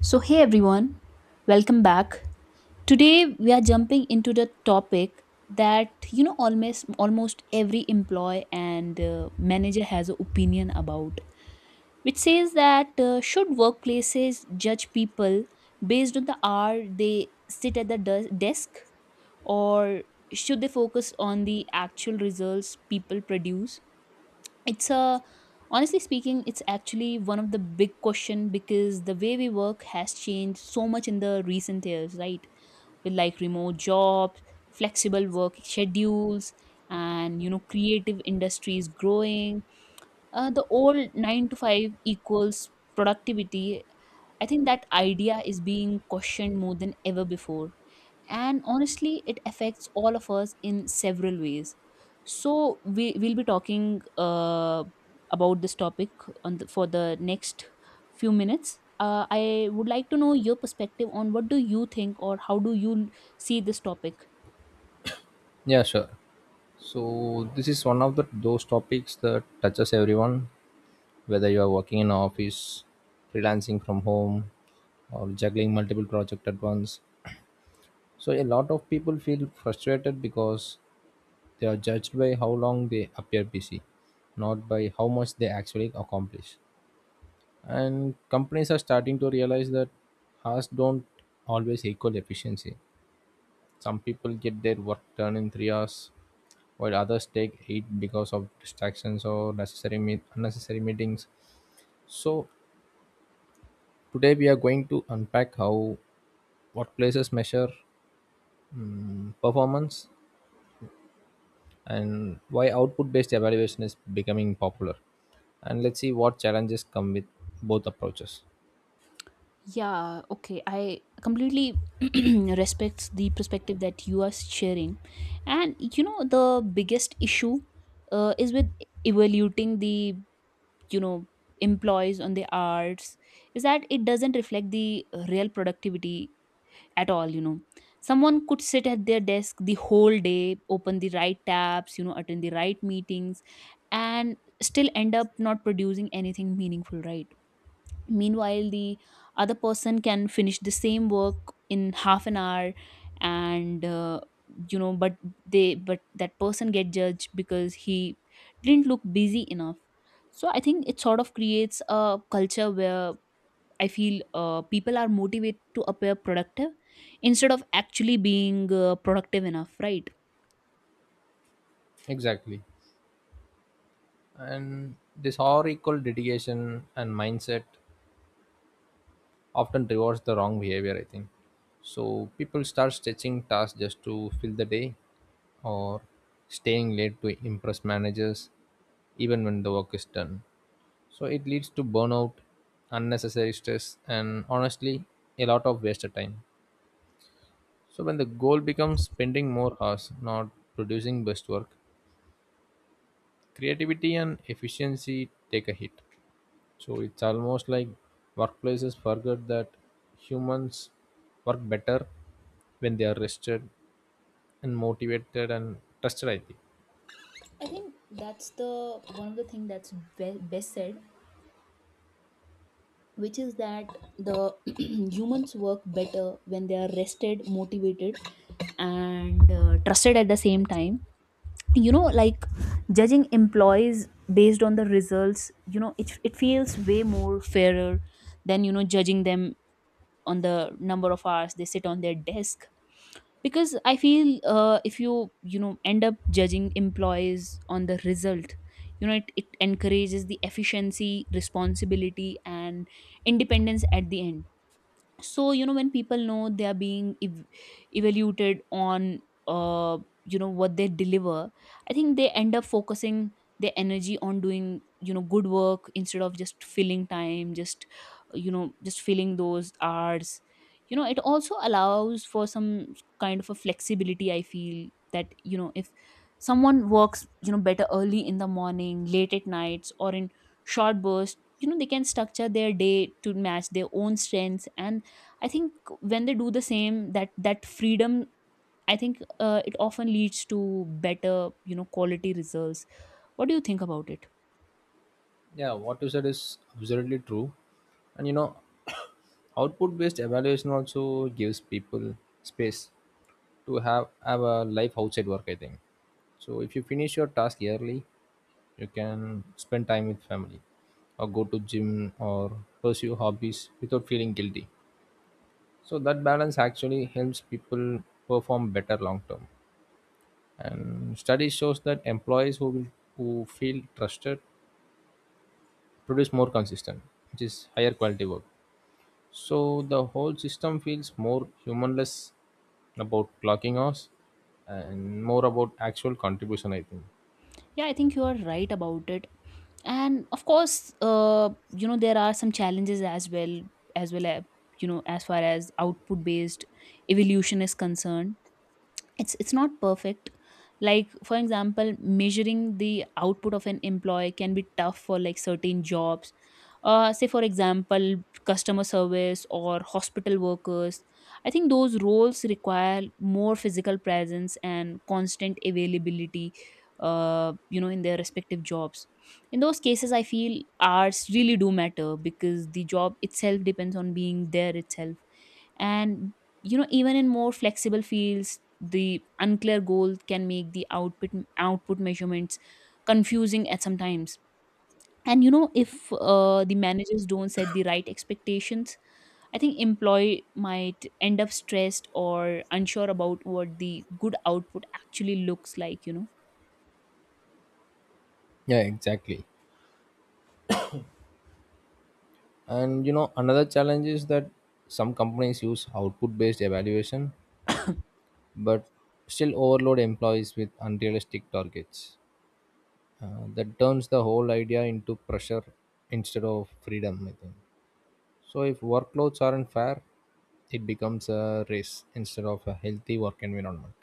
So, hey everyone, welcome back. Today we are jumping into the topic that almost every employee and manager has an opinion about, which says that should workplaces judge people based on the hour they sit at the desk, or should they focus on the actual results people produce? It's a Honestly speaking, it's actually one of the big question because the way we work has changed so much in the recent years, right? With like remote jobs, flexible work schedules, and creative industries growing. The old 9 to 5 equals productivity, I think that idea is being questioned more than ever before. And honestly, it affects all of us in several ways. So we will be talking about this topic for the next few minutes. I would like to know your perspective on what do you think or how do you see this topic? Yeah, sure. So this is one of the those topics that touches everyone, whether you are working in office, freelancing from home, or juggling multiple projects at once. So a lot of people feel frustrated because they are judged by how long they appear busy, not by how much they actually accomplish. And companies are starting to realize that hours don't always equal efficiency. Some people get their work done in 3 hours, while others take it because of distractions or unnecessary meetings. So today we are going to unpack how what places measure performance, and why output-based evaluation is becoming popular. And let's see what challenges come with both approaches. Yeah, okay. I completely respects the perspective that you are sharing. And the biggest issue is with evaluating the, you know, employees on the arts is that it doesn't reflect the real productivity at all. Someone could sit at their desk the whole day, open the right tabs, attend the right meetings and still end up not producing anything meaningful, right? Meanwhile the other person can finish the same work in half an hour and but they but that person get judged because he didn't look busy enough. So I think it sort of creates a culture where I feel people are motivated to appear productive instead of actually being productive enough, right? Exactly. And this historical dedication and mindset often rewards the wrong behavior, I think. So people start stretching tasks just to fill the day, or staying late to impress managers even when the work is done. So it leads to burnout, unnecessary stress, and honestly a lot of wasted time. So when the goal becomes spending more hours, not producing best work, creativity and efficiency take a hit. So it's almost like workplaces forget that humans work better when they are rested and motivated and trusted, I think. I think that's the one of the thing that's best said, which is that the humans work better when they are rested motivated and trusted at the same time. Like judging employees based on the results, it feels way more fairer than judging them on the number of hours they sit on their desk. Because I feel if you you know end up judging employees on the result, it encourages the efficiency responsibility and independence at the end. So when people know they are being evaluated on uh what they deliver, I think they end up focusing their energy on doing good work instead of just filling time, just filling those hours. It also allows for some kind of a flexibility, I feel that if someone works better early in the morning late at nights or in short bursts, they can structure their day to match their own strengths, and I think when they do the same, that freedom, I think it often leads to better quality results. What do you think about it? Yeah, what you said is absolutely true. And you know, output based evaluation also gives people space to have a life outside work, I think. So if you finish your task early, you can spend time with family, or go to gym, or pursue hobbies without feeling guilty. So that balance actually helps people perform better long term. And study shows that employees who feel trusted produce more consistent, which is higher quality work. So the whole system feels more humanless about clocking hours and more about actual contribution, I think. Yeah, I think you are right about it. And of course uh, there are some challenges as well as as far as output based evolution is concerned. It's not perfect. Like for example, measuring the output of an employee can be tough for like certain jobs. Say for example customer service or hospital workers, I think those roles require more physical presence and constant availability in their respective jobs. In those cases I feel hours really do matter because the job itself depends on being there itself. And even in more flexible fields the unclear goal can make the output measurements confusing at some times. And if the managers don't set the right expectations, I think employee might end up stressed or unsure about what the good output actually looks like. Yeah, exactly. And you know, another challenge is that some companies use output based evaluation, but still overload employees with unrealistic targets. That turns the whole idea into pressure instead of freedom, I think. So if workloads aren't fair, it becomes a race instead of a healthy work environment.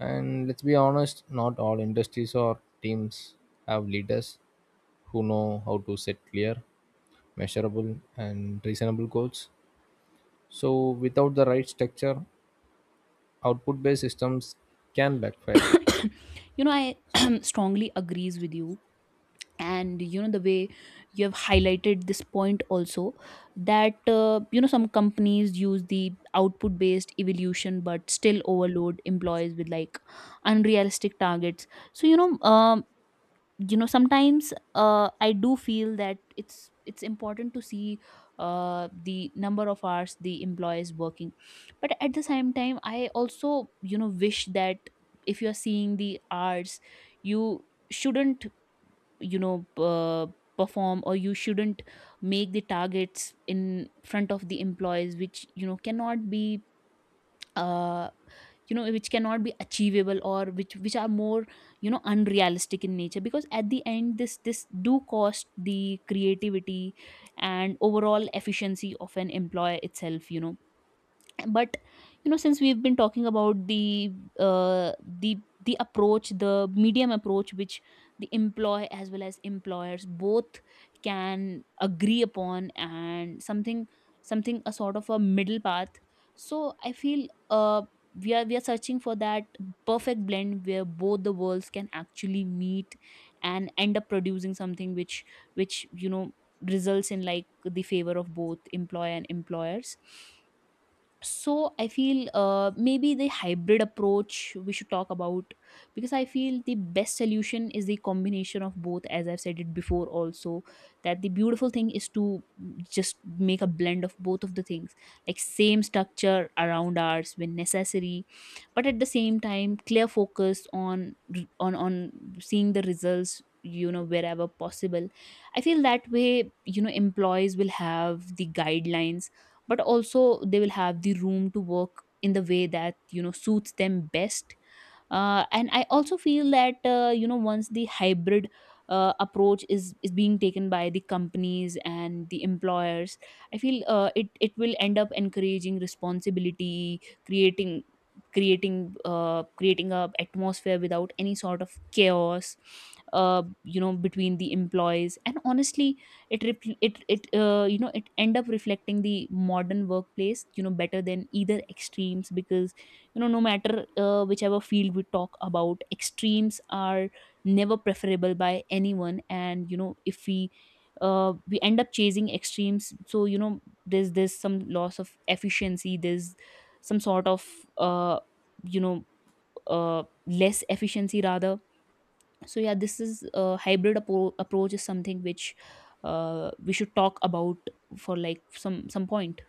And let's be honest, not all industries or teams have leaders who know how to set clear, measurable, and reasonable goals. So without the right structure, output based systems can backfire. I strongly agrees with you. And the way you have highlighted this point also, that some companies use the output based evolution but still overload employees with like unrealistic targets. So sometimes I do feel that it's important to see the number of hours the employee is working, but at the same time I also wish that if you are seeing the hours, you shouldn't you know uh, perform or you shouldn't make the targets in front of the employees which cannot be uh, which cannot be achievable or which are more unrealistic in nature, because at the end this do cost the creativity and overall efficiency of an employer itself. But since we've been talking about uh, the the medium approach, which the employee as well as employers both can agree upon, and something, a sort of a middle path. So I feel we are searching for that perfect blend where both the worlds can actually meet and end up producing something which results in like the favor of both employer and employers. So I feel maybe the hybrid approach we should talk about, because I feel the best solution is the combination of both, as I've said it before also, that the beautiful thing is to just make a blend of both of the things, like same structure around ours when necessary, but at the same time, clear focus on seeing the results wherever possible. I feel that way employees will have the guidelines but also they will have the room to work in the way that suits them best. And I also feel that once the hybrid approach is being taken by the companies and the employers, I feel it will end up encouraging responsibility, creating creating a atmosphere without any sort of chaos between the employees. And honestly, it repl- it you know it end up reflecting the modern workplace better than either extremes, because no matter whichever field we talk about, extremes are never preferable by anyone. And if we end up chasing extremes, so there's some loss of efficiency, there's some sort of uh, you know less efficiency rather. So yeah, this is hybrid approach is something which we should talk about for like some point.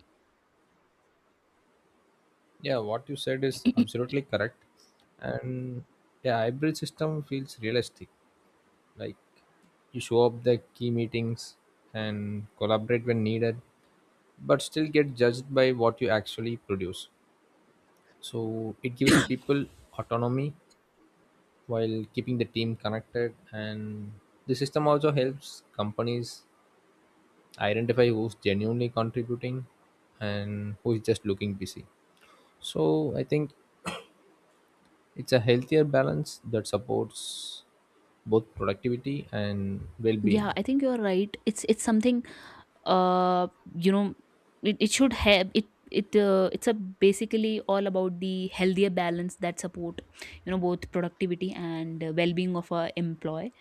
Yeah, what you said is absolutely correct. And yeah, hybrid system feels realistic. Like, you show up the key meetings and collaborate when needed, but still get judged by what you actually produce. So it gives people autonomy while keeping the team connected, and the system also helps companies identify who's genuinely contributing and who's just looking busy. So I think it's a healthier balance that supports both productivity and Yeah, well-being. I think you're right, it's something uh, you know it should have it it it's a basically all about the healthier balance that support both productivity and well-being of our employee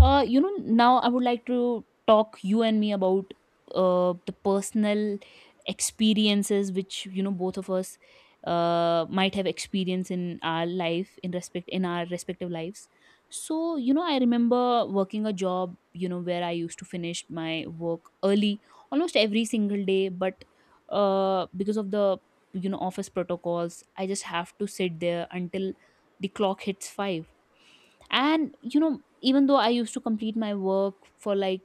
uh you know Now I would like to talk you and me about the personal experiences which both of us might have experienced in our respective lives. So I remember working a job where I used to finish my work early almost every single day, but because of the office protocols I just have to sit there until the clock hits 5. And even though I used to complete my work for like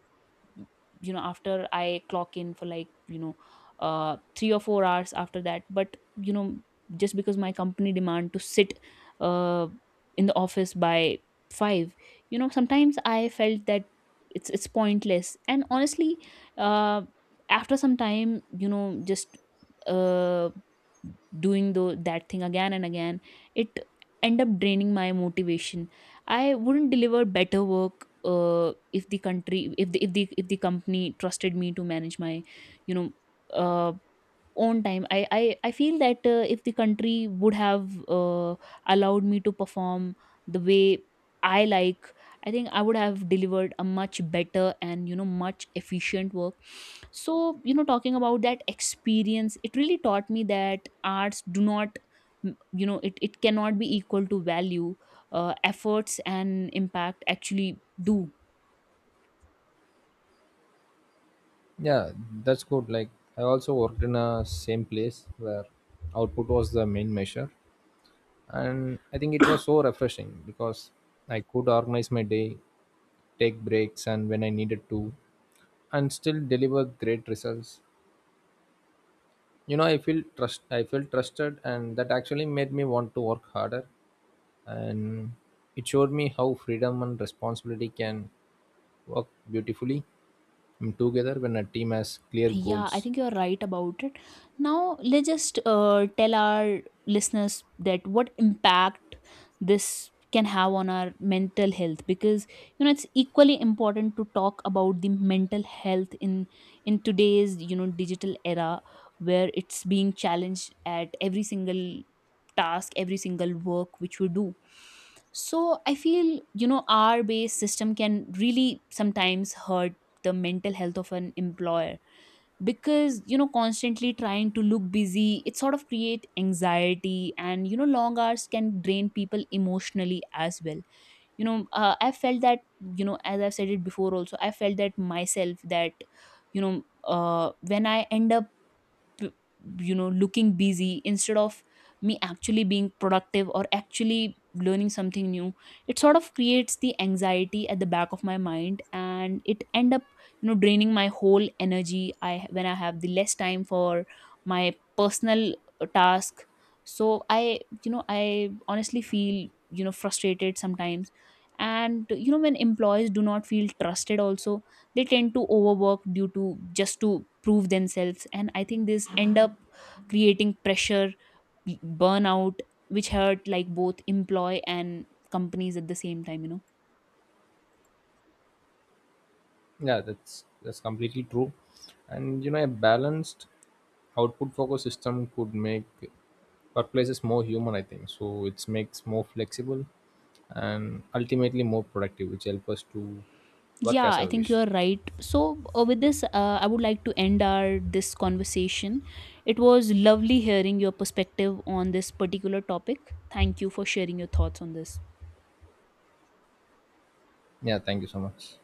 after I clock in for like 3 or 4 hours after that, but just because my company demand to sit uh in the office by 5, sometimes I felt that it's pointless. And honestly, uh after some time, just uh doing the that thing again and again, it end up draining my motivation. I wouldn't deliver better work if the country if the, if the if the company trusted me to manage my you know uh, own time. I feel that if the country would have allowed me to perform the way I like, I think I would have delivered a much better and much efficient work. So talking about that experience, it really taught me that arts do not, it cannot be equal to value, efforts and impact actually do. Yeah, that's good. Like, I also worked in a same place where output was the main measure, and I think it was so refreshing because I could organize my day, take breaks, and when I needed to, and still deliver great results. You know, I feel trust. I felt trusted, and that actually made me want to work harder. And it showed me how freedom and responsibility can work beautifully together when a team has clear Yeah, I goals. think you're right about it. Now, let's just tell our listeners that what impact this can have on our mental health, because it's equally important to talk about the mental health in today's digital era where it's being challenged at every single task, every single work which we do. So, I feel our based system can really sometimes hurt the mental health of an employer, because constantly trying to look busy it sort of create anxiety. And long hours can drain people emotionally as well. I felt that as I've said it before also, I felt that myself, that when I end up p- looking busy instead of me actually being productive or actually learning something new, it sort of creates the anxiety at the back of my mind, and it end up draining my whole energy. I when i have the less time for my personal task. So I honestly feel frustrated sometimes. And when employees do not feel trusted also, they tend to overwork due to just to prove themselves, and I think this end up creating pressure, burnout, which hurt like both employ and companies at the same time. Yeah, that's completely true. And you know, a balanced output focused system could make workplaces more human, I think so. It makes more flexible and ultimately more productive, which help us to work Yeah, as I I think you wish. are right. So with this I would like to end our this conversation. It was lovely hearing your perspective on this particular topic. Thank you for sharing your thoughts on this. Yeah, thank you so much.